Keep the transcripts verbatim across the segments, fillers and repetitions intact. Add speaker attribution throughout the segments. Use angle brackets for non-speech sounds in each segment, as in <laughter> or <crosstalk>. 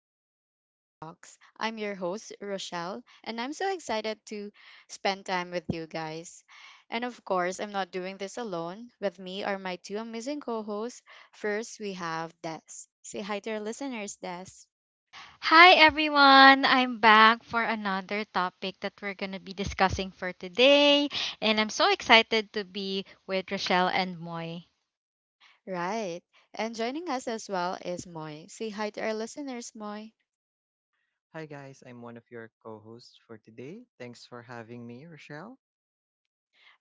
Speaker 1: welcome to our talks. I'm your host, Rochelle, and I'm so excited to spend time with you guys. And of course, I'm not doing this alone. With me are my two amazing co hosts. First, we have Des. Say hi to our listeners, Des.
Speaker 2: Hi everyone, I'm back for another topic that we're going to be discussing for today, and I'm so excited to be with Rochelle and Moy.
Speaker 1: Right. And joining us as well is Moy. Say hi to our listeners, Moy.
Speaker 3: Hi guys, I'm one of your co-hosts for today. Thanks for having me, Rochelle.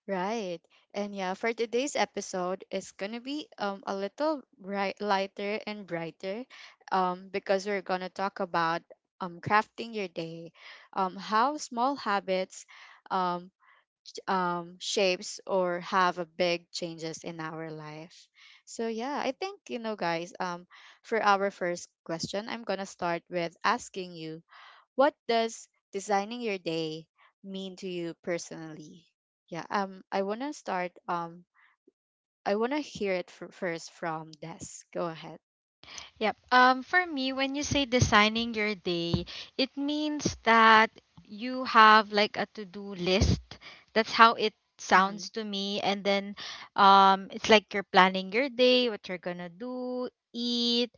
Speaker 1: Right. And yeah, for today's episode, it's gonna be um a little bright, lighter and brighter, um because we're gonna talk about um crafting your day, um how small habits, um um shapes or have a big changes in our life. So yeah, I think you know guys. Um, For our first question, I'm gonna start with asking you what does designing your day mean to you personally? Yeah, um, I want to start. Um, I want to hear it fir- first from Des. Go ahead.
Speaker 2: Yep. Um for me, when you say designing your day, it means that you have like a to-do list. That's how it sounds
Speaker 1: Mm-hmm.
Speaker 2: to me, and then um it's like you're planning your day, what you're going to do, eat.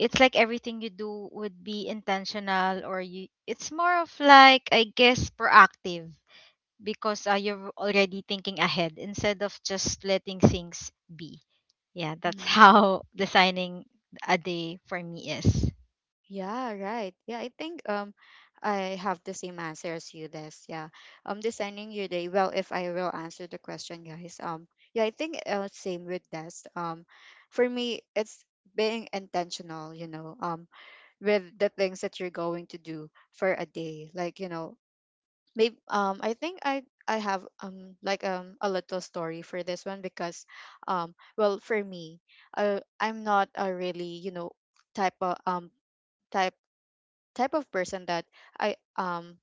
Speaker 2: It's like everything you do would be intentional, or you it's more of, like, I guess, proactive because uh, you're already thinking ahead instead of just letting things be. Yeah, that's
Speaker 1: Mm-hmm.
Speaker 2: how <laughs> designing a day for me is.
Speaker 1: Yeah, right. Yeah, I think um, I have the same answer as you, Des. Yeah. Um, designing your day. Well, if I will answer the question, guys. Um, yeah, I think uh, same with Des. Um, for me, it's being intentional. You know, um, with the things that you're going to do for a day. Like you know, maybe um I think I I have um like um a little story for this one because um well for me uh, I'm not a really you know type of um type type of person that I um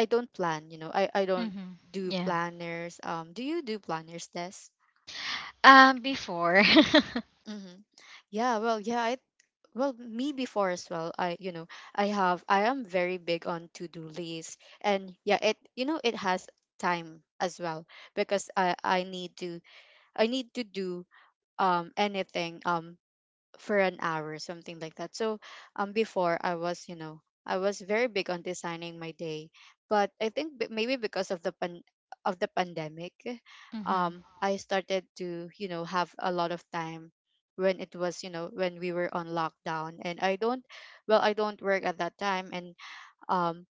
Speaker 1: I don't plan you know I I don't
Speaker 2: Mm-hmm.
Speaker 1: do
Speaker 2: Yeah,
Speaker 1: planners um do you do planners, Des?
Speaker 2: um before. <laughs>
Speaker 1: Mm-hmm. Yeah, well, yeah, I well, me before as well. I, you know, I have I am very big on to-do list, and yeah, it you know, it has time as well because I I need to I need to do um anything um for an hour something like that. So um before I was you know I was very big on designing my day, but I think b- maybe because of the pan of the pandemic,
Speaker 2: Mm-hmm.
Speaker 1: um I started to you know have a lot of time when it was you know when we were on lockdown, and I don't well I don't work at that time, and um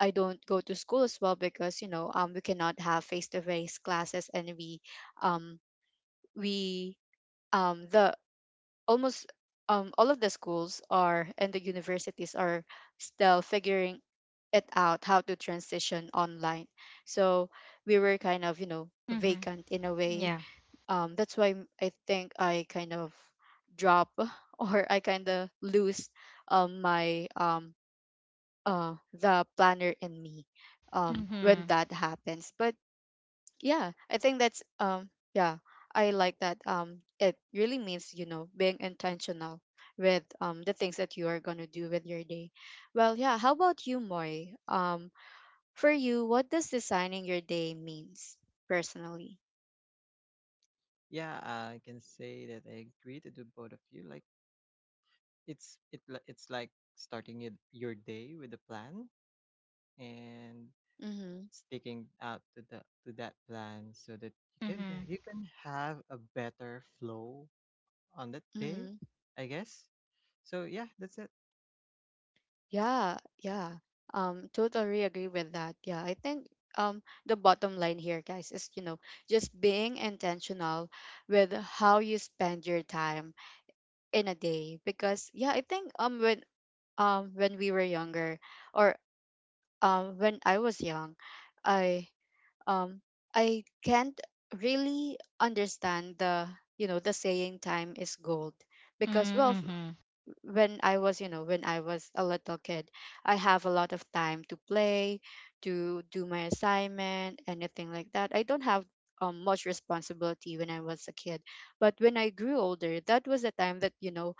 Speaker 1: I don't go to school as well because you know um we cannot have face to face classes, and we um we um, the almost um, all of the schools are and the universities are still figuring it out how to transition online. So we were kind of you know
Speaker 2: Mm-hmm.
Speaker 1: vacant in a way.
Speaker 2: Yeah.
Speaker 1: Um, that's why m- I think I kind of drop <laughs> or I kind of lose um, my um, uh, the planner in me um, when
Speaker 2: Mm-hmm.
Speaker 1: that happens. But yeah, I think that's um yeah, I like that. Um it really means, you know, being intentional with um the things that you are going to do with your day. Well, yeah, how about you, Moy? Um for you, what does designing your day means personally?
Speaker 3: Yeah, I can say that I agree to the both of you. Like it's it li- it's like starting it, your day with a plan and
Speaker 1: Mhm.
Speaker 3: sticking out to the to that plan so that you can
Speaker 2: Mm-hmm.
Speaker 3: you can have a better flow on that day,
Speaker 1: Mhm.
Speaker 3: I guess. So yeah, that's it.
Speaker 1: Yeah, yeah. Um totally agree with that. Yeah, I think um the bottom line here guys is you know just being intentional with how you spend your time in a day because yeah, I think um when um when we were younger or um when I was young i um I can't really understand the you know the saying time is gold because well f-
Speaker 2: Mm-hmm.
Speaker 1: when I was you know when I was a little kid, I have a lot of time to play, to do my assignment, anything like that. I don't have um, much responsibility when I was a kid, but when I grew older, that was the time that you know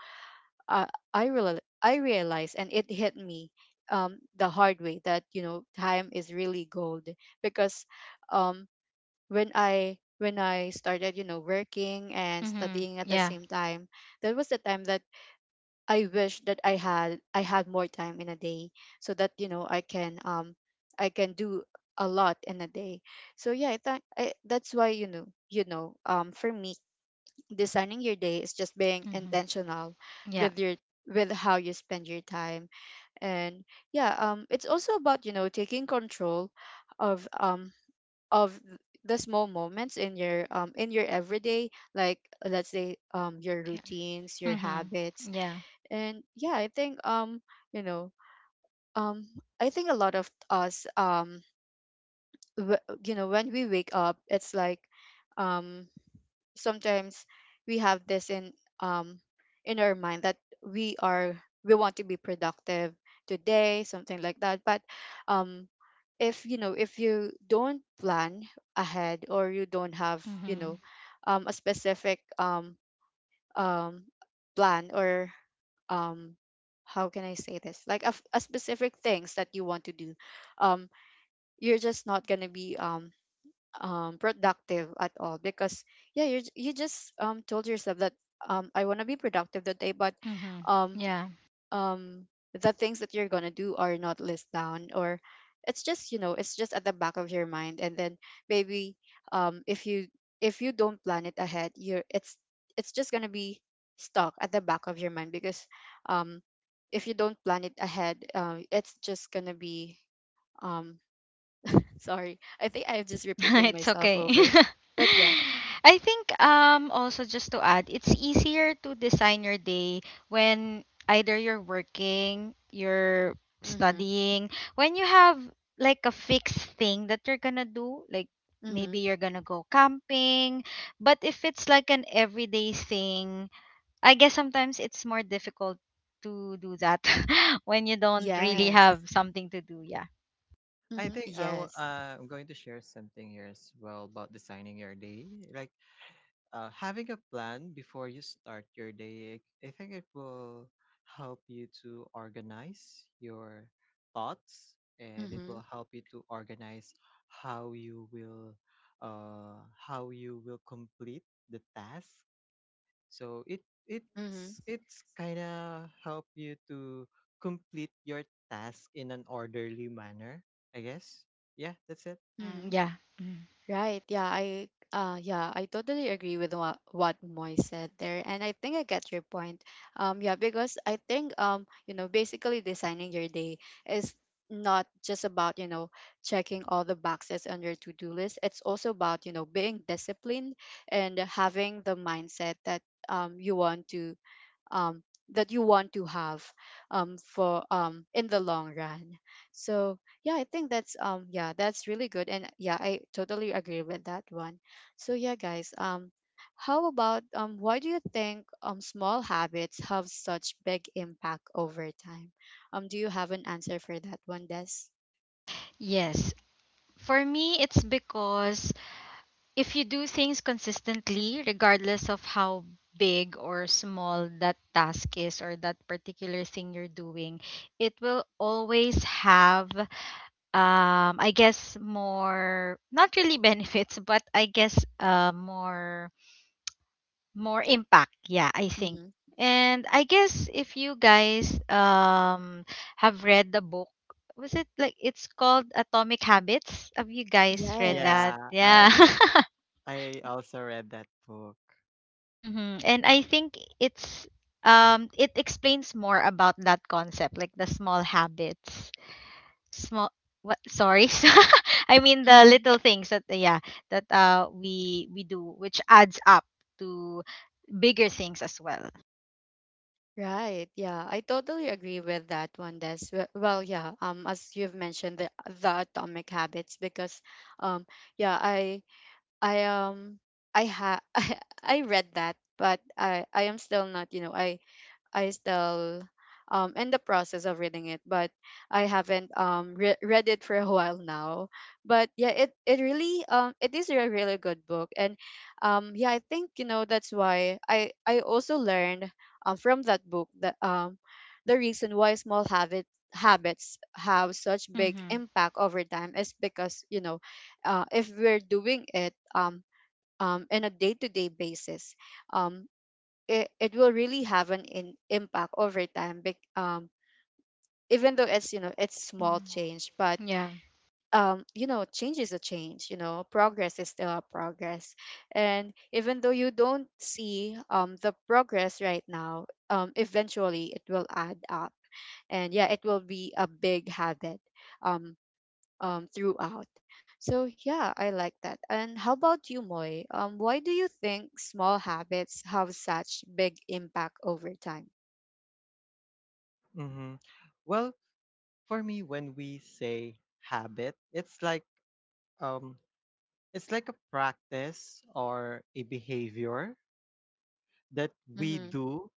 Speaker 1: uh, I real I realized, and it hit me um, the hard way that you know time is really gold because um, when I when I started you know working and
Speaker 2: Mm-hmm.
Speaker 1: studying at the
Speaker 2: Yeah.
Speaker 1: same time, that was the time that I wish that I had I had more time in a day so that you know I can um I can do a lot in a day. So yeah, I think I, that's why you know you know um for me designing your day is just being
Speaker 2: Mm-hmm.
Speaker 1: intentional
Speaker 2: Yeah.
Speaker 1: with your with how you spend your time, and yeah um it's also about you know taking control of um of th- the small moments in your um in your everyday. Like let's say um your
Speaker 2: Yeah.
Speaker 1: routines, your
Speaker 2: Mm-hmm.
Speaker 1: habits.
Speaker 2: Yeah.
Speaker 1: And yeah, I think um you know um i think a lot of us um w- you know when we wake up, it's like um sometimes we have this in um in our mind that we are we want to be productive today, something like that, but um if you know if you don't plan ahead or you don't have you
Speaker 2: Mm-hmm.
Speaker 1: know um, a specific um um plan or um how can I say this, like a, f- a specific things that you want to do, um you're just not gonna be um um, productive at all because yeah you you just um, told yourself that um, I want to be productive today, but
Speaker 2: Mm-hmm.
Speaker 1: um,
Speaker 2: Yeah.
Speaker 1: um, the things that you're gonna do are not listed down, or it's just you know it's just at the back of your mind, and then maybe um, if you if you don't plan it ahead you're it's it's just gonna be stuck at the back of your mind because um, if you don't plan it ahead uh, it's just gonna be um, Sorry. I think I'm just
Speaker 2: <laughs>
Speaker 1: repeating
Speaker 2: It's
Speaker 1: myself
Speaker 2: okay. <laughs>
Speaker 1: over. But yeah.
Speaker 2: I think um also, just to add, it's easier to design your day when either you're working, you're
Speaker 1: Mhm.
Speaker 2: studying, when you have like a fixed thing that you're gonna do, like
Speaker 1: Mhm.
Speaker 2: maybe you're gonna go camping. But if it's like an everyday thing, I guess sometimes it's more difficult to do that <laughs> when you don't really
Speaker 1: Yes.
Speaker 2: have something to do, yeah.
Speaker 3: I
Speaker 1: Mhm.
Speaker 3: think I w-
Speaker 1: Yes.
Speaker 3: uh, I'm going to share something here as well about designing your day. Like uh, having a plan before you start your day, I I think it will help you to organize your thoughts, and it
Speaker 1: Mhm.
Speaker 3: will help you to organize how you will uh, how you will complete the task. So it
Speaker 1: Mhm.
Speaker 3: it's it's kind of help you to complete your task in an orderly manner, I guess. Yeah, that's it.
Speaker 2: Mm,
Speaker 1: Mhm.
Speaker 2: yeah. Mm.
Speaker 1: Right. Yeah, I uh yeah, I totally agree with what what Moy said there, and I think I get your point. Um yeah, because I think um you know, basically designing your day is not just about, you know, checking all the boxes on your to-do list. It's also about, you know, being disciplined and having the mindset that um you want to um, that you want to have um, for um, in the long run. So yeah, I think that's um yeah, that's really good, and yeah I totally agree with that one. So yeah, guys um. How about um why do you think um small habits have such big impact over time? Um do you have an answer for that one, Des?
Speaker 2: Yes. For me, it's because if you do things consistently, regardless of how big or small that task is, or that particular thing you're doing, it will always have, um, I guess, more, not really <laughs> benefits, but I guess uh, more more impact, yeah, I think.
Speaker 1: Mm-hmm.
Speaker 2: And I guess if you guys um have read the book, was it like it's called Atomic Habits, have you guys read
Speaker 1: Yes.
Speaker 2: that?
Speaker 3: Yeah,
Speaker 2: Yeah.
Speaker 3: I
Speaker 1: Mm-hmm.
Speaker 3: I also read that book.
Speaker 2: <laughs> Hmm, and I think it's um it explains more about that concept, like the small habits, small what sorry, <laughs> I mean the
Speaker 1: Mm-hmm.
Speaker 2: little things that uh, yeah, that uh we we do which adds up to bigger things as well.
Speaker 1: Right. Yeah, I totally agree with that one, Des. W- Well, yeah. Um, as you've mentioned, the the Atomic Habits, because, um, yeah, I I um I ha <laughs> I, I read that, but I I am still not, you know, I I still um in the process of reading it, but I haven't um re- read it for a <laughs> while now. But yeah, it it really um it is a really good book, and um yeah, I think you know that's why I I also learned um from that book that um the reason why small habit habits have such big
Speaker 2: Mm-hmm.
Speaker 1: impact over time is because you know uh, if we're doing it um um in a day-to-day basis, um it, it will really have an in, impact over time bec- um even though it's you know it's small
Speaker 2: Mm-hmm.
Speaker 1: change, but
Speaker 2: Yeah.
Speaker 1: um you know change is a change, you know progress is still a progress, and even though you don't see um the progress right now, um eventually it will add up, and yeah it will be a big habit um um throughout. So yeah, I like that. And how about you, Moy? Um why do you think small habits have such big impact over time?
Speaker 3: Mm-hmm. Well, for me, when we say habit, it's like um, it's like a practice or a behavior that we
Speaker 1: Mm-hmm.
Speaker 3: do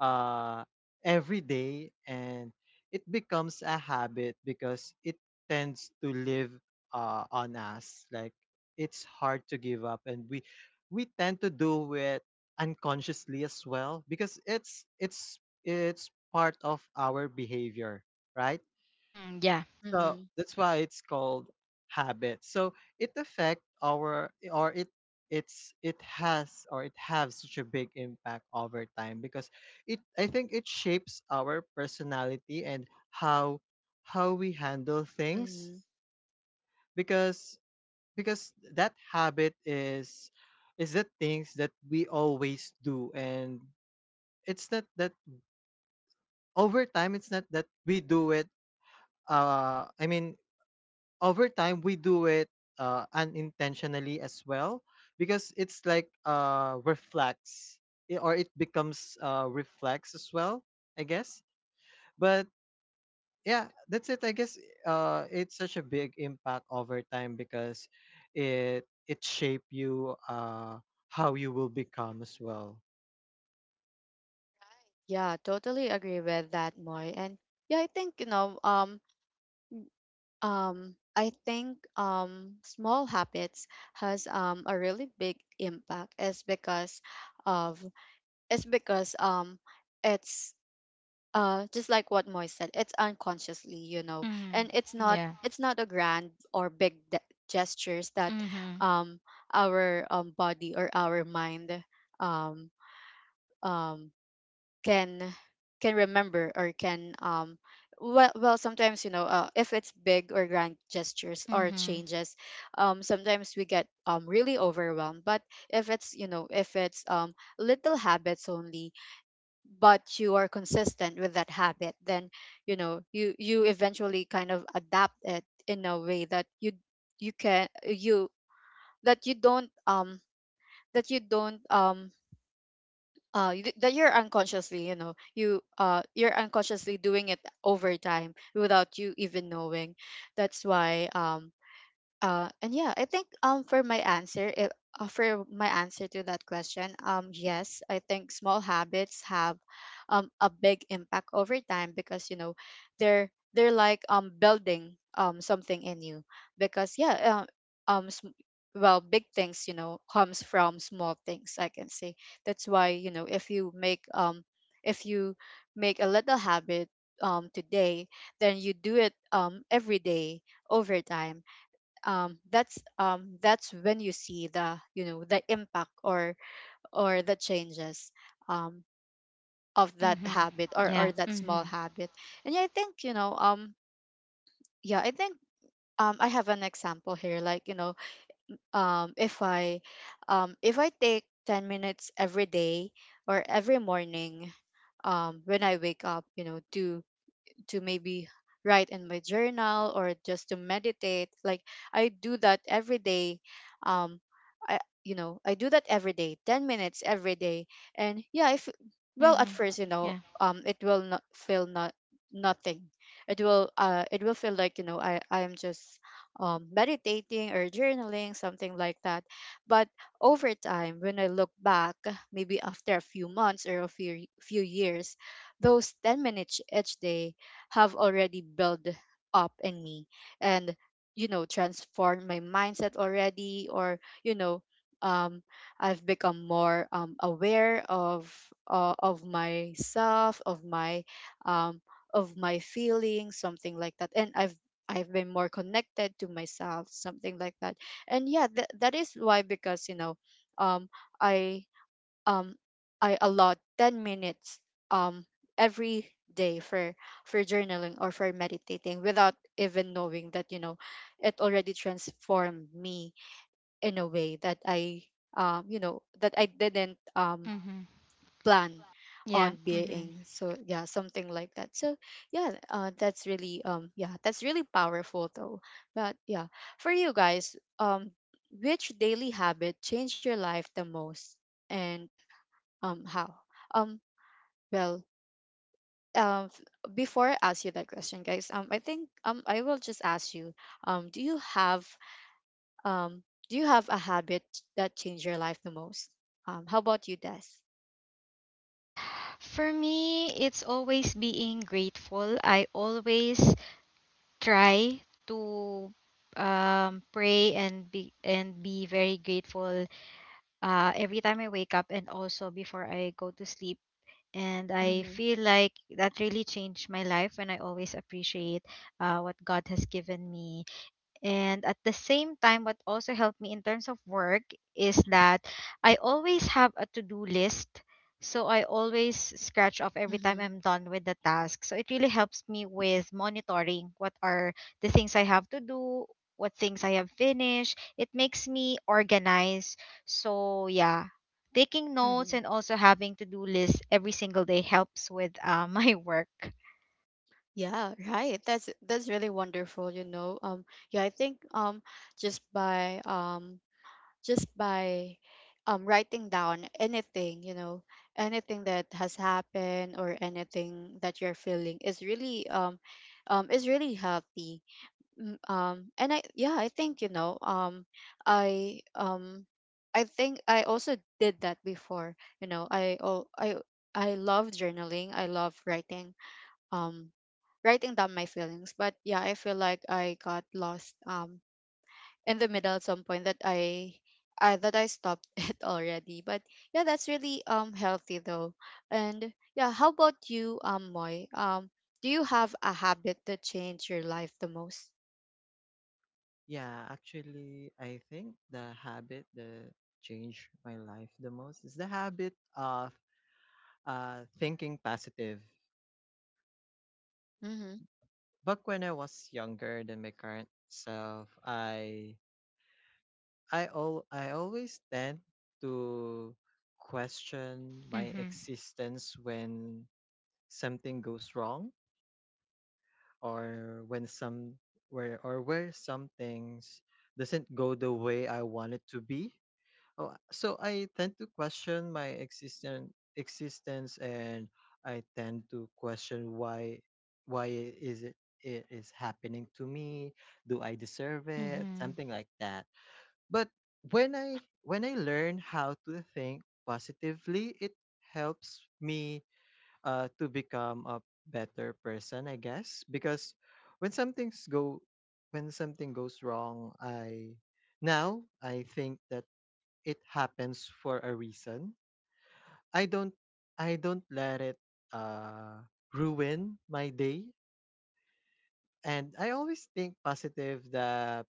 Speaker 3: uh, every day, and it becomes a habit because it tends to live uh, on us. Like it's hard to give up, and we we tend to do it unconsciously as well because it's it's it's part of our behavior, right?
Speaker 2: Mm, yeah.
Speaker 3: So
Speaker 1: Mm-hmm.
Speaker 3: that's why it's called habit. So it affect our or it it's it has or it has such a big impact over time because it I think it shapes our personality and how how we handle things
Speaker 1: Mm-hmm.
Speaker 3: because because that habit is is the things that we always do, and it's not that over time it's not that we do it uh I mean over time we do it uh, unintentionally as well because it's like uh reflex, i- or it becomes uh reflex as well, I guess. But yeah, that's it, I guess. Uh, it's such a big impact over time because it it shape you, uh how you will become as well.
Speaker 1: Yeah, totally agree with that, Moy. And yeah, I think, you know, um, um, I think um small habits has um a really big impact is because of it's because um it's uh just like what Moy said, it's unconsciously, you know,
Speaker 2: Mm,
Speaker 1: and it's not
Speaker 2: yeah.
Speaker 1: it's not a grand or big de- gestures that
Speaker 2: Mm-hmm.
Speaker 1: um our um body or our mind um um can can remember or can um well, well sometimes you know uh, if it's big or grand gestures or
Speaker 2: Mm-hmm.
Speaker 1: changes, um sometimes we get um really overwhelmed. But if it's, you know, if it's um little habits only, but you are consistent with that habit, then you know you you eventually kind of adapt it in a way that you you can you that you don't um that you don't um uh you d- that you're unconsciously, you know, you uh you're unconsciously doing it over time without you even knowing. That's why um uh, and yeah, I think um for my answer, it, uh, for my answer to that question, um yes, I think small habits have um a big impact over time because you know they're they're like um building um something in you. Because yeah, uh, um sm- well, big things, you know, comes from small things, I can say. That's why, you know, if you make um if you make a little habit um today, then you do it um every day, over time, um, that's um, that's when you see the, you know, the impact or or the changes, um, of that
Speaker 2: Mm-hmm.
Speaker 1: habit or or
Speaker 2: Yeah.
Speaker 1: that small
Speaker 2: Mm-hmm.
Speaker 1: habit. And yeah, I think, you know, um yeah i think um I have an example here, like, you know, um if i um if I take ten minutes every day, or every morning, um when I wake up, you know, to to maybe write in my journal or just to meditate. Like, I do that every day. Um I You know, I do that every day, ten minutes every day. And yeah, if well,
Speaker 2: Mm-hmm.
Speaker 1: at first, you know,
Speaker 2: Yeah.
Speaker 1: um it will not feel not nothing. It will uh it will feel like, you know, i i am just um meditating or journaling, something like that. But over time, when I look back, maybe after a few months or a few few years, those ten minutes each day have already built up in me, and you know, transformed my mindset already. Or you know, um I've become more, um, aware of uh, of myself, of my um, of my feelings, something like that. And I've I've been more connected to myself, something like that. And yeah, that that is why, because you know, um, I um I allot ten minutes um every day for for journaling or for meditating, without even knowing that, you know, it already transformed me in a way that I um you know, that I didn't um
Speaker 2: Mm-hmm.
Speaker 1: plan
Speaker 2: Yeah.
Speaker 1: on
Speaker 2: Mm-hmm.
Speaker 1: being. So yeah, something like that. So yeah, uh, that's really um yeah that's really powerful though. But yeah, for you guys, um which daily habit changed your life the most, and um, how? Um, well, um, f- before I ask you that question, guys, um, I think, um, I will just ask you, um, do you have, um, do you have a habit that changed your life the most? Um, how about you, Des?
Speaker 2: For me, it's always being grateful. I always try to, um, pray and be and be very grateful uh, every time I wake up and also before I go to sleep. And I
Speaker 1: Mm-hmm.
Speaker 2: feel like that really changed my life when I always appreciate uh, what God has given me. And at the same time, what also helped me in terms of work is that I always have a to do list. So I always scratch off every time
Speaker 1: Mm-hmm.
Speaker 2: I'm done with the task. So it really helps me with monitoring what are the things I have to do, what things I have finished. It makes me organize. So yeah, taking notes
Speaker 1: Mm-hmm.
Speaker 2: and also having to do lists every single day helps with uh, <laughs> my work.
Speaker 1: Yeah, right. That's that's really wonderful, you know. Um, yeah, I think um just by um just by um, writing down anything, you know, anything that has happened or anything that you're feeling is really, um, um, is really healthy. Mm. Um, and I, yeah, I think, you know, um, I um, I think I also did that before. You know, I oh I I love journaling. I love writing, um writing down my feelings. But yeah, I feel like I got lost, um in the middle at some point, that I I that I stopped <laughs> it already. But yeah, that's really um healthy though. And yeah, how about you, um Moy? Um do you have a habit that changed your life the most?
Speaker 3: Yeah, actually I think the habit that changed my life the most is the habit of uh thinking positive.
Speaker 1: Mm-hmm.
Speaker 3: Back when I was younger than my current self, I I al I always tend to question my
Speaker 2: Mm-hmm.
Speaker 3: existence when something goes wrong, or when some where or where some things doesn't go the way I want it to be. Oh, uh, so I tend to question my existent existence, and I tend to question why why is it it is happening to me? Do I deserve it?
Speaker 2: Mm-hmm.
Speaker 3: Something like that. But when I when I learn how to think positively, it helps me uh to become a better person, I guess, because when something's go when something goes wrong, I now I think that it happens for a reason. I don't I don't let it uh ruin my day. And I always think positive that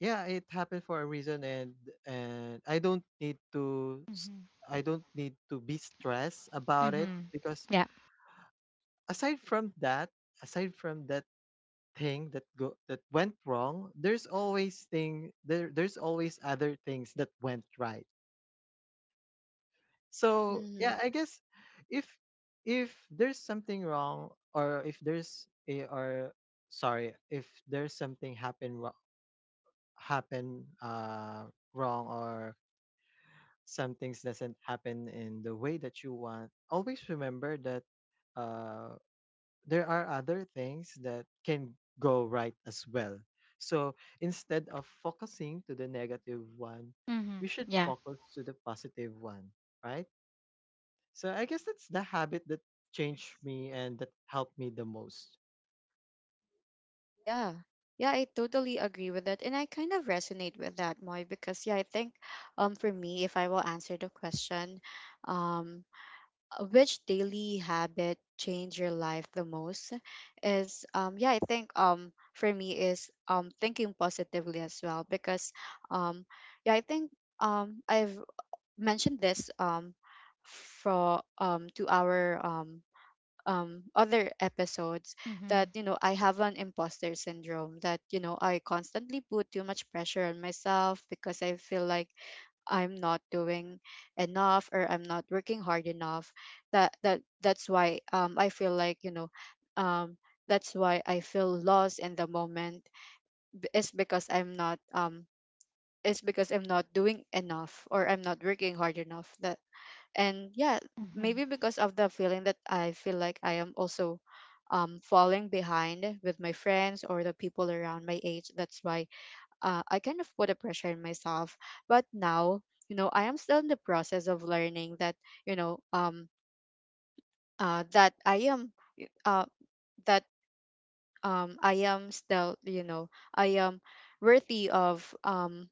Speaker 3: yeah, it happened for a reason, and and I don't need to s-
Speaker 2: Mm-hmm.
Speaker 3: I don't need to be stressed about it
Speaker 2: Mm-hmm.
Speaker 3: because
Speaker 2: Yeah.
Speaker 3: aside from that, aside from that thing that go that went wrong, there's always thing there there's always other things that went right. So
Speaker 1: Mm-hmm.
Speaker 3: yeah, I guess if if there's something wrong, or if there's a or sorry, if there's something happen wro- happen uh wrong, or some things doesn't happen in the way that you want, always remember that uh there are other things that can go right as well. So instead of focusing to the negative one,
Speaker 2: Mm-hmm.
Speaker 3: we should
Speaker 2: Yeah.
Speaker 3: focus to the positive one, right? So I guess that's the habit that changed me and that helped me the most.
Speaker 1: Yeah. Yeah, I totally agree with that. And I kind of resonate with that, Moy, because yeah, I think um for me, if I will answer the question, um uh, which daily habit changed your life the most, is um yeah I think um for me is um thinking positively as well. Because um yeah, I think um i've mentioned this um for um to our um um other episodes that,
Speaker 2: Mm-hmm.
Speaker 1: you know, I have an imposter syndrome, that you know I constantly put too much pressure on myself because I feel like I'm not doing enough, or I'm not working hard enough. That that that's why um I feel like, you know, um that's why I feel lost in the moment. It's because I'm not um it's because I'm not doing enough or I'm not working hard enough. That and yeah,
Speaker 2: Mm-hmm.
Speaker 1: maybe because of the feeling that I feel like I am also um falling behind with my friends or the people around my age. That's why uh, I kind of put a pressure on myself. But now, you know, I am still in the process of learning that, you know, um, uh, that I am, uh, that um, I am still, you know, I am worthy of, um,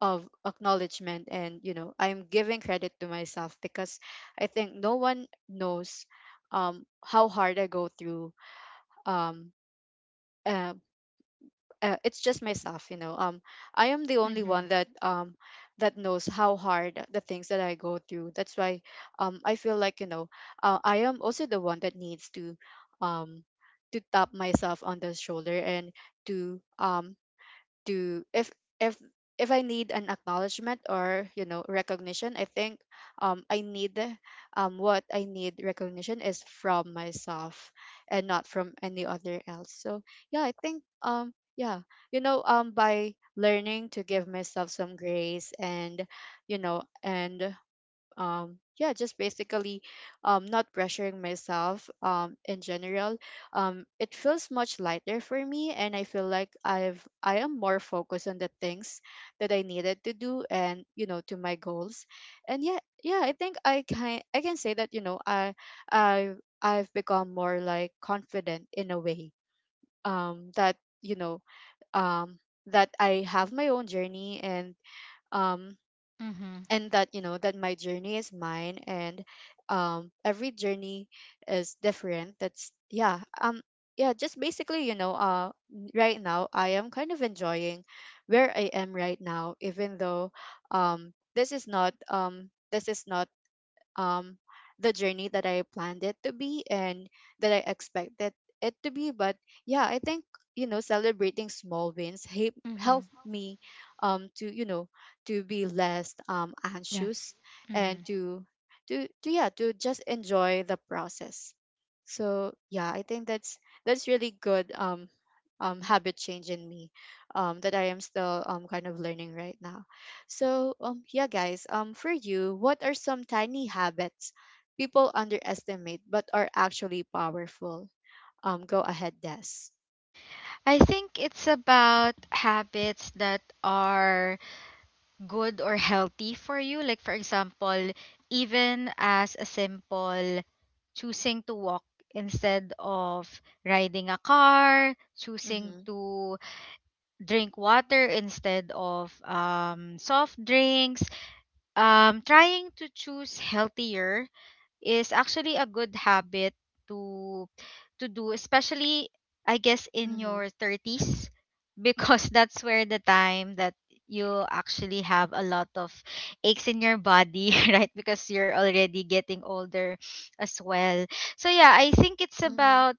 Speaker 1: of acknowledgement. And you know, I'm giving credit to myself because I think no one knows um how hard I go through. um uh. Uh, it's just myself, you know, um I am the only
Speaker 2: Mm-hmm.
Speaker 1: one that um that knows how hard the things that I go through. That's why um I feel like, you know, uh, I am also the one that needs to um to tap myself on the shoulder, and to um do if if if I need an acknowledgement, or you know, recognition, I think, um, I need, um, what I need recognition is from myself, and not from any other else. So yeah, I think um yeah you know, um by learning to give myself some grace, and you know, and um yeah, just basically um not pressuring myself um in general, um it feels much lighter for me, and I feel like i've I am more focused on the things that I needed to do, and you know, to my goals. And yeah, yeah, I think i can i can say that, you know, i i I've become more like confident in a way, um that you know, um that I have my own journey, and um
Speaker 2: Mm-hmm.
Speaker 1: and that you know, that my journey is mine, and um every journey is different. That's yeah, um yeah, just basically, you know, uh right now I am kind of enjoying where I am right now, even though um this is not um this is not um the journey that I planned it to be, and that I expected it to be. But yeah, I think, you know, celebrating small wins help help
Speaker 2: Mm-hmm.
Speaker 1: me um to, you know, to be less um
Speaker 2: Yeah.
Speaker 1: anxious,
Speaker 2: Mm-hmm.
Speaker 1: and to to to yeah, to just enjoy the process. So yeah, I think that's that's really good, um um habit change in me, um that I am still um kind of learning right now. So, um, yeah, guys, um, for you, what are some tiny habits people underestimate but are actually powerful? Um, go ahead, Des.
Speaker 2: I think it's about habits that are good or healthy for you. Like, for
Speaker 1: Mm-hmm,
Speaker 2: example, even as a simple choosing to walk instead of riding a car, choosing
Speaker 1: mm-hmm,
Speaker 2: to drink water instead of um, soft drinks, um, trying to choose healthier is actually a good habit to to do, especially, I guess, in
Speaker 1: mm-hmm,
Speaker 2: your thirties, because <laughs> that's where the time that you actually have a lot of aches in your body, <laughs> right, because you're already getting older as well. So yeah, I think it's
Speaker 1: mm-hmm,
Speaker 2: about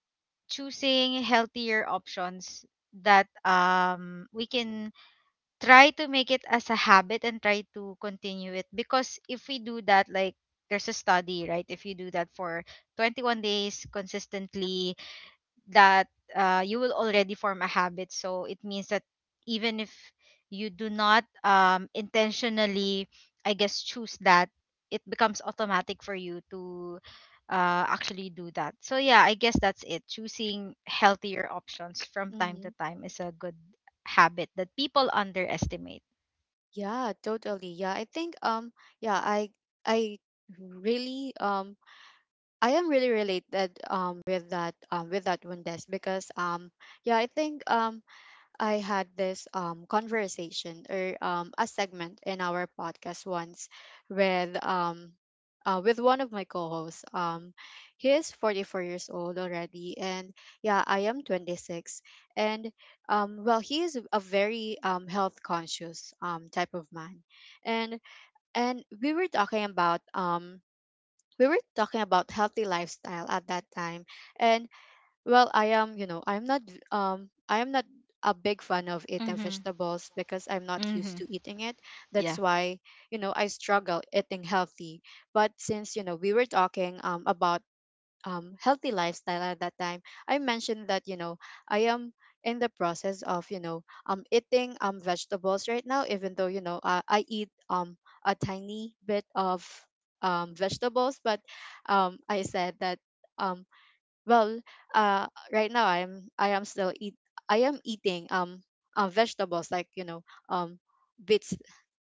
Speaker 2: choosing healthier options that um we can try to make it as a habit and try to continue it, because if we do that, like, there's a study, right? If you do that for twenty-one days consistently, that uh, you will already form a habit. So it means that even if you do not, um, intentionally, I guess, choose that, it becomes automatic for you to uh, actually do that. So yeah, I guess that's it. Choosing healthier options from time
Speaker 1: mm-hmm.
Speaker 2: to time is a good habit that people underestimate.
Speaker 1: Yeah, totally. Yeah, I think, um, yeah, I, I really, um, I am really related, um, with that, um, with that one, Des, because, um, yeah, I think, um, I had this um, conversation or um, a segment in our podcast once with um, uh, with one of my co-hosts. Um, he is forty-four years old already, and yeah, I am twenty-six. And um, well, he is a very um, health conscious um, type of man, and and we were talking about um, we were talking about healthy lifestyle at that time. And well, I am, you know, I'm not um I am not a big fan of eating
Speaker 2: Mm-hmm.
Speaker 1: vegetables because I'm not used
Speaker 2: Mm-hmm.
Speaker 1: to eating it. That's
Speaker 2: Yeah.
Speaker 1: why, you know, I struggle eating healthy. But since, you know, we were talking um about um healthy lifestyle at that time, I mentioned that, you know, I am in the process of, you know, um eating um vegetables right now. Even though, you know, I, I eat um a tiny bit of um vegetables, but um I said that um well, uh, right now I'm I am still eat I am eating um uh, vegetables like, you know, um bits,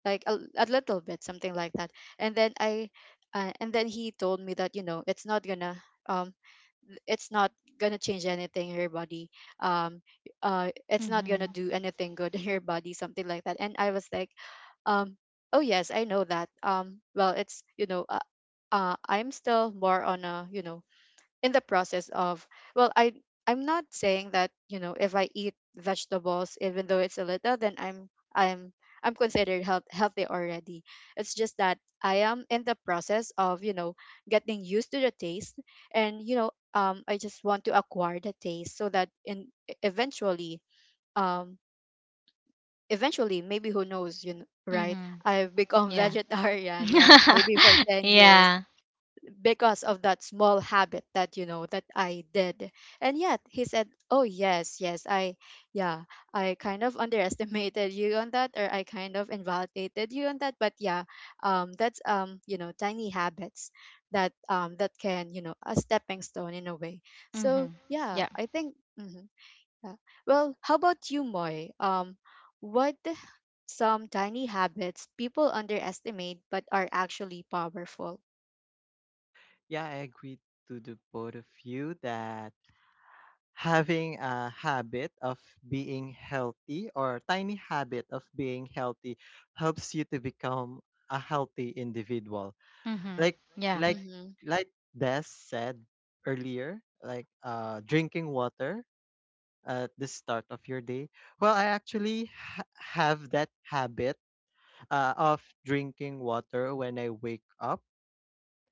Speaker 1: like a, a little bit, something like that. And then I uh, and then he told me that, you know, it's not gonna um it's not gonna change anything in your body, um uh it's not gonna
Speaker 2: Mm-hmm.
Speaker 1: do anything good <laughs> in your body, something like that. And I was like, um oh yes, I know that. Um well, it's, you know, uh, uh I'm still more on a, you know, in the process of, well, i I'm not saying that, you know, if I eat vegetables, even though it's a little, then i'm i'm I'm considered health, healthy already. It's just that I am in the process of, you know, getting used to the taste. And you know, um I just want to acquire the taste, so that in eventually um eventually, maybe, who knows, you know, right?
Speaker 2: Mm-hmm.
Speaker 1: I've become <laughs>
Speaker 2: Yeah.
Speaker 1: vegetarian, like maybe for
Speaker 2: <laughs>
Speaker 1: ten years,
Speaker 2: Yeah.
Speaker 1: because of that small habit that, you know, that I did. And yet he said, "Oh yes, yes, I yeah, I kind of <laughs> underestimated you on that, or I kind of invalidated you on that, but yeah, um that's um, you know, tiny habits that um that can, you know, a stepping stone in a way." So,
Speaker 2: Mm-hmm.
Speaker 1: yeah,
Speaker 2: Yeah.
Speaker 1: I think mhm, yeah. Well, how about you, Moy? Um what <sighs> some tiny habits people underestimate but are actually powerful?
Speaker 3: Yeah, I agree to the both of you that having a habit of being healthy, or tiny habit of being healthy, helps you to become a healthy individual.
Speaker 2: Mm-hmm.
Speaker 3: Like
Speaker 2: Yeah.
Speaker 3: like
Speaker 1: Mm-hmm.
Speaker 3: like Des said earlier, like uh drinking water at the start of your day. Well, I actually ha- have that habit uh, of drinking water when I wake up.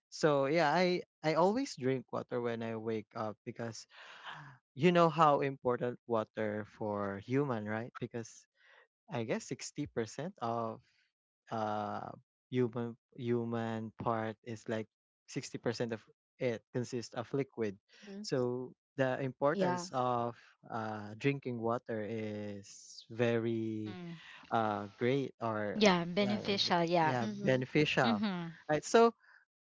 Speaker 3: So yeah, I I always drink water when I wake up because you know how important water for human, right? Because I guess sixty percent of uh human human part is like sixty percent of it consists of liquid.
Speaker 1: Mm-hmm.
Speaker 3: So the
Speaker 1: Yeah.
Speaker 3: importance of uh, drinking water is very
Speaker 2: Mm-hmm.
Speaker 3: uh, great or
Speaker 2: Yeah,
Speaker 3: uh,
Speaker 2: beneficial, yeah.
Speaker 3: yeah,
Speaker 1: Mm-hmm.
Speaker 3: beneficial,
Speaker 2: Mhm.
Speaker 3: right? So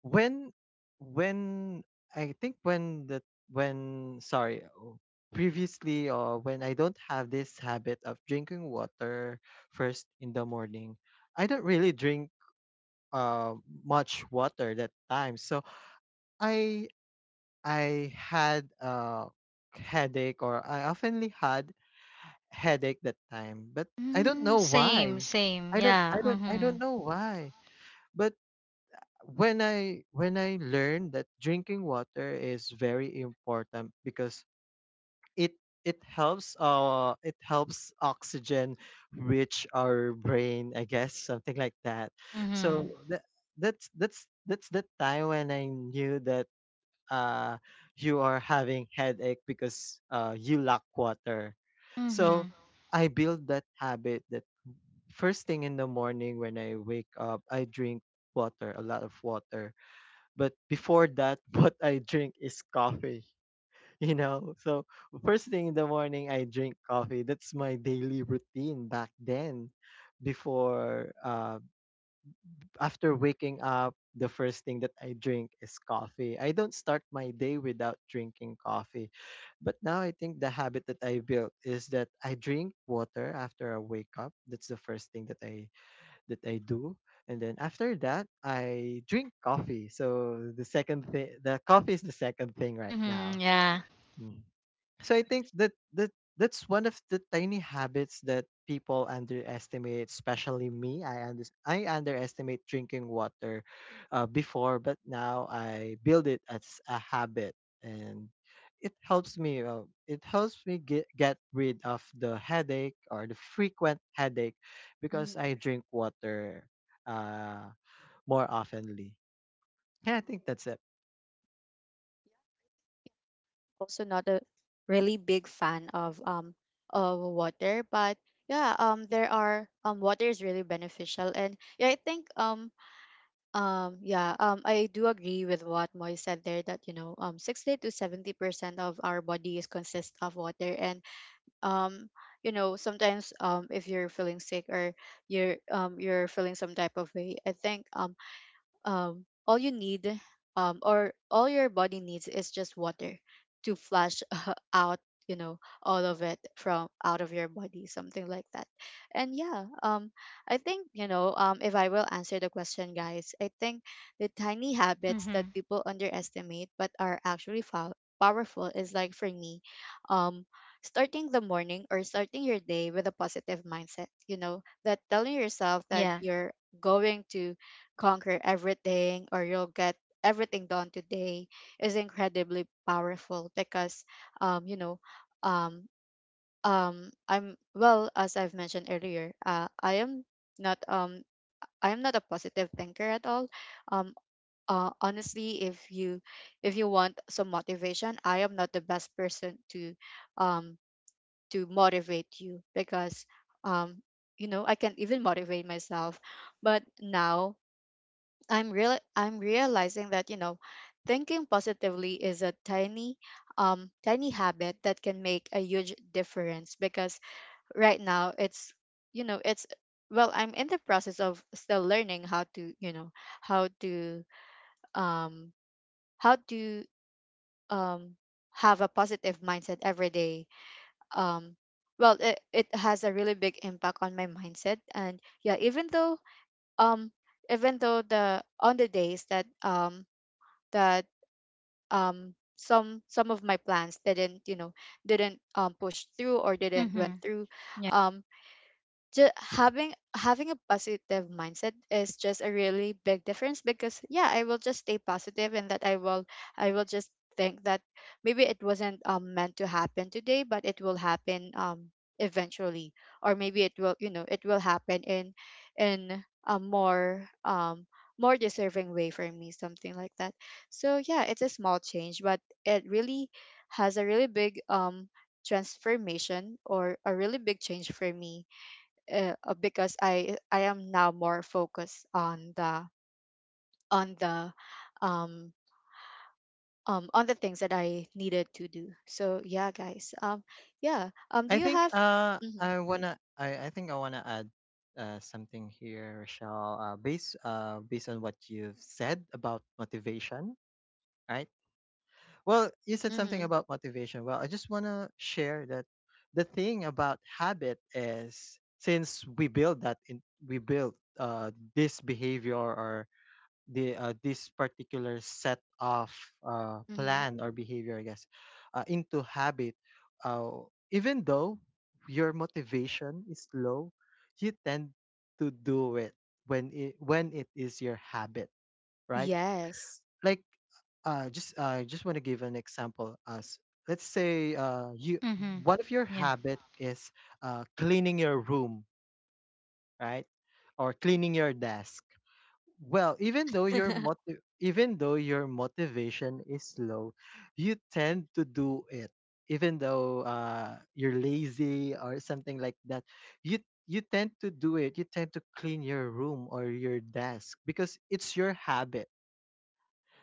Speaker 3: when when I think when the when sorry oh, previously, or when I don't have this habit of drinking water first in the morning, I don't really drink uh, much water that time. So I I had a headache, or I oftenly had headache that time. But I don't
Speaker 2: Mm,
Speaker 3: know
Speaker 2: same,
Speaker 3: why.
Speaker 2: same.
Speaker 3: I don't I
Speaker 2: Yeah.
Speaker 3: don't I don't
Speaker 2: Mhm.
Speaker 3: know why. But when I when I learned that drinking water is very important because it it helps uh it helps oxygen reach our brain, I guess, something like that.
Speaker 2: Mhm.
Speaker 3: So that, that's that's that's the time when I knew that uh you are having headache because uh you lack water. So
Speaker 2: Mhm.
Speaker 3: I build that habit that first thing in the morning when I wake up, I drink water, a lot of water. But before that <laughs> what I drink is coffee. <laughs> You know, so first thing in the morning I drink coffee. That's my daily routine back then. Before uh, after waking up, the first thing that I drink is coffee. I don't start my day without drinking coffee. But now I think the habit that I built is that I drink water after I wake up. That's the first thing that i that I do. And then after that I drink coffee. So the second thing, the coffee is the second thing right now.
Speaker 2: Mhm. Yeah.
Speaker 3: Hmm. So I think that that that's one of the tiny habits that people underestimate, especially me. I under, I underestimate drinking water uh, before, but now I build it as a habit, and it helps me. Uh, it helps me get get rid of the headache or the frequent headache because
Speaker 1: Hmm.
Speaker 3: I drink water uh, more oftenly. Yeah, I think that's it.
Speaker 1: Also not a really big fan of um of water, but yeah, um there are um water is really beneficial. And yeah, I think um um yeah, um I do agree with what Moy said there that you know, um sixty to seventy percent of our body is consist of water. And um you know, sometimes um if you're feeling sick or you're um you're feeling some type of way, I think um, um, all you need um, or all your body needs is just water to flush <laughs> out, you know, all of it from out of your body, something like that. And yeah um I think, you know, um if I will answer the question, guys, I think the tiny habits that
Speaker 2: Mhm.
Speaker 1: people underestimate but are actually fo- powerful is, like, for me, um starting the morning or starting your day with a positive mindset, you know, that telling yourself that
Speaker 2: Yeah.
Speaker 1: you're going to conquer everything or you'll get everything done today is incredibly powerful because um you know um um I'm well as I've mentioned earlier, uh I am not um I am not a positive thinker at all. um uh, Honestly, if you if you want some motivation, I am not the best person to um to motivate you because um you know, I can't even motivate myself. But now I'm real I'm realizing that, you know, thinking positively is a tiny um tiny habit that can make a huge difference because right now it's, you know, it's, well, I'm in the process of still learning how to, you know, how to um how to um have a positive mindset every day. Um well, it, it has a really big impact on my mindset. And yeah, even though um even though the on the days that um that um some some of my plans didn't, you know, didn't um push through or didn't went
Speaker 2: Mhm.
Speaker 1: through,
Speaker 2: Yeah.
Speaker 1: um just having having a positive mindset is just a really big difference. Because yeah, I will just stay positive, and that I will i will just think that maybe it wasn't um meant to happen today, but it will happen um eventually. Or maybe it will, you know, it will happen in in a more um more deserving way for me, something like that. So yeah, it's a small change, but it really has a really big um transformation or a really big change for me. Uh, uh, because I I am now more focused on the on the um um on the things that I needed to do. So yeah, guys. Um yeah. Um do
Speaker 3: I
Speaker 1: you
Speaker 3: think
Speaker 1: have...
Speaker 3: uh
Speaker 1: mm-hmm,
Speaker 3: I wanna I, I think I wanna add uh something here, Rochelle. Uh based uh based on what you've said about motivation, right? Well, you said something
Speaker 1: mm-hmm,
Speaker 3: about motivation. Well, I just wanna share that the thing about habit is since we build that in we build uh this behavior, or the uh, this particular set of uh,
Speaker 1: mm-hmm.
Speaker 3: plan or behavior, I guess, uh, into habit, uh, even though your motivation is low, you tend to do it when it when it is your habit, right?
Speaker 1: Yes.
Speaker 3: Like, uh, just uh, I just want to give an example. As Let's say uh, you
Speaker 2: Mhm.
Speaker 3: one of your
Speaker 2: Yeah.
Speaker 3: habit is uh, cleaning your room, right, or cleaning your desk. Well, even though your
Speaker 1: <laughs>
Speaker 3: motiv- even though your motivation is low, you tend to do it. Even though uh, you're lazy or something like that, you you tend to do it. You tend to clean your room or your desk because it's your habit.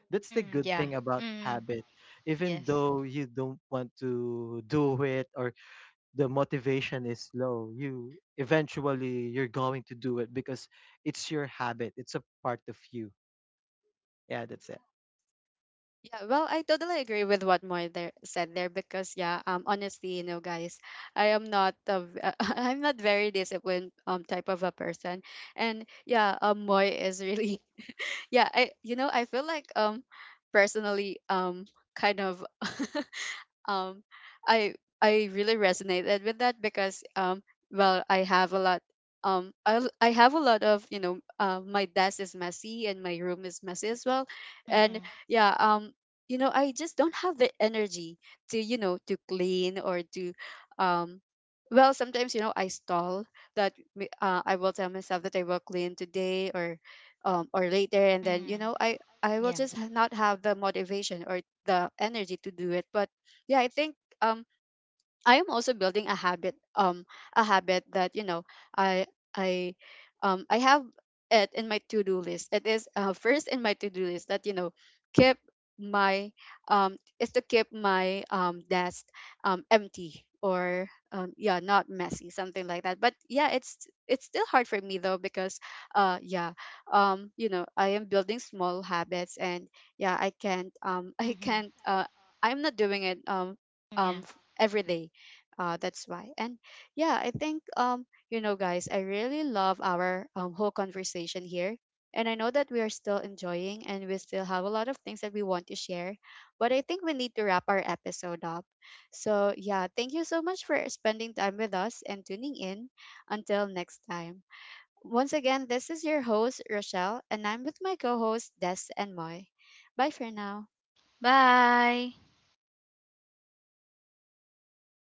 Speaker 3: That's the
Speaker 2: Mm,
Speaker 3: good
Speaker 2: yeah.
Speaker 3: thing about
Speaker 2: Mm.
Speaker 3: habit. Even
Speaker 2: Yes.
Speaker 3: though you don't want to do it, or the motivation is low, you eventually you're going to do it because it's your habit. It's a part of you. Yeah, that's
Speaker 1: Yeah, well, I totally agree with what Moy there said there because yeah, um, honestly, you know, guys, I am not a, v- <laughs> I'm not very disciplined um type of a person, and yeah, um, Moy is really... Yeah, I, you know, I feel like um personally um kind of <laughs> um i I really resonated with that because um well, I have a lot, um i, l- I have a lot of, you know, uh, my desk is messy and my room is messy as well. And
Speaker 2: Mhm.
Speaker 1: yeah um you know, I just don't have the energy to, you know, to clean or to... um well, sometimes, you know, I stall that, m- uh, I will tell myself that I will clean today or um or later, and then you
Speaker 2: Mhm.
Speaker 1: know, i I will
Speaker 2: Yeah.
Speaker 1: just ha- not have the motivation or the energy to do it. But yeah, I think um I am also building a habit, um a habit that, you know, I I um I have it in my to-do list. It is, uh, first in my to-do list that, you know, keep my um is to keep my um desk um empty or um yeah, not messy, something like that. But yeah, it's it's still hard for me though because uh yeah um you know, I am building small habits, and yeah, I can't um <laughs> I
Speaker 2: Mhm.
Speaker 1: can't uh I'm not doing it um
Speaker 2: Yeah.
Speaker 1: um f- every day, uh, that's why. And yeah, I think um, you know, guys, I really love our um, whole conversation here. And I know that we are still enjoying and we still have a lot of things that we want to share, but I think we need to wrap our episode up. So, yeah, thank you so much for spending time with us and tuning in. Until next time. Once again, this is your host, Rochelle, and I'm with my co hosts, Des and Moy. Bye for now.
Speaker 2: Bye.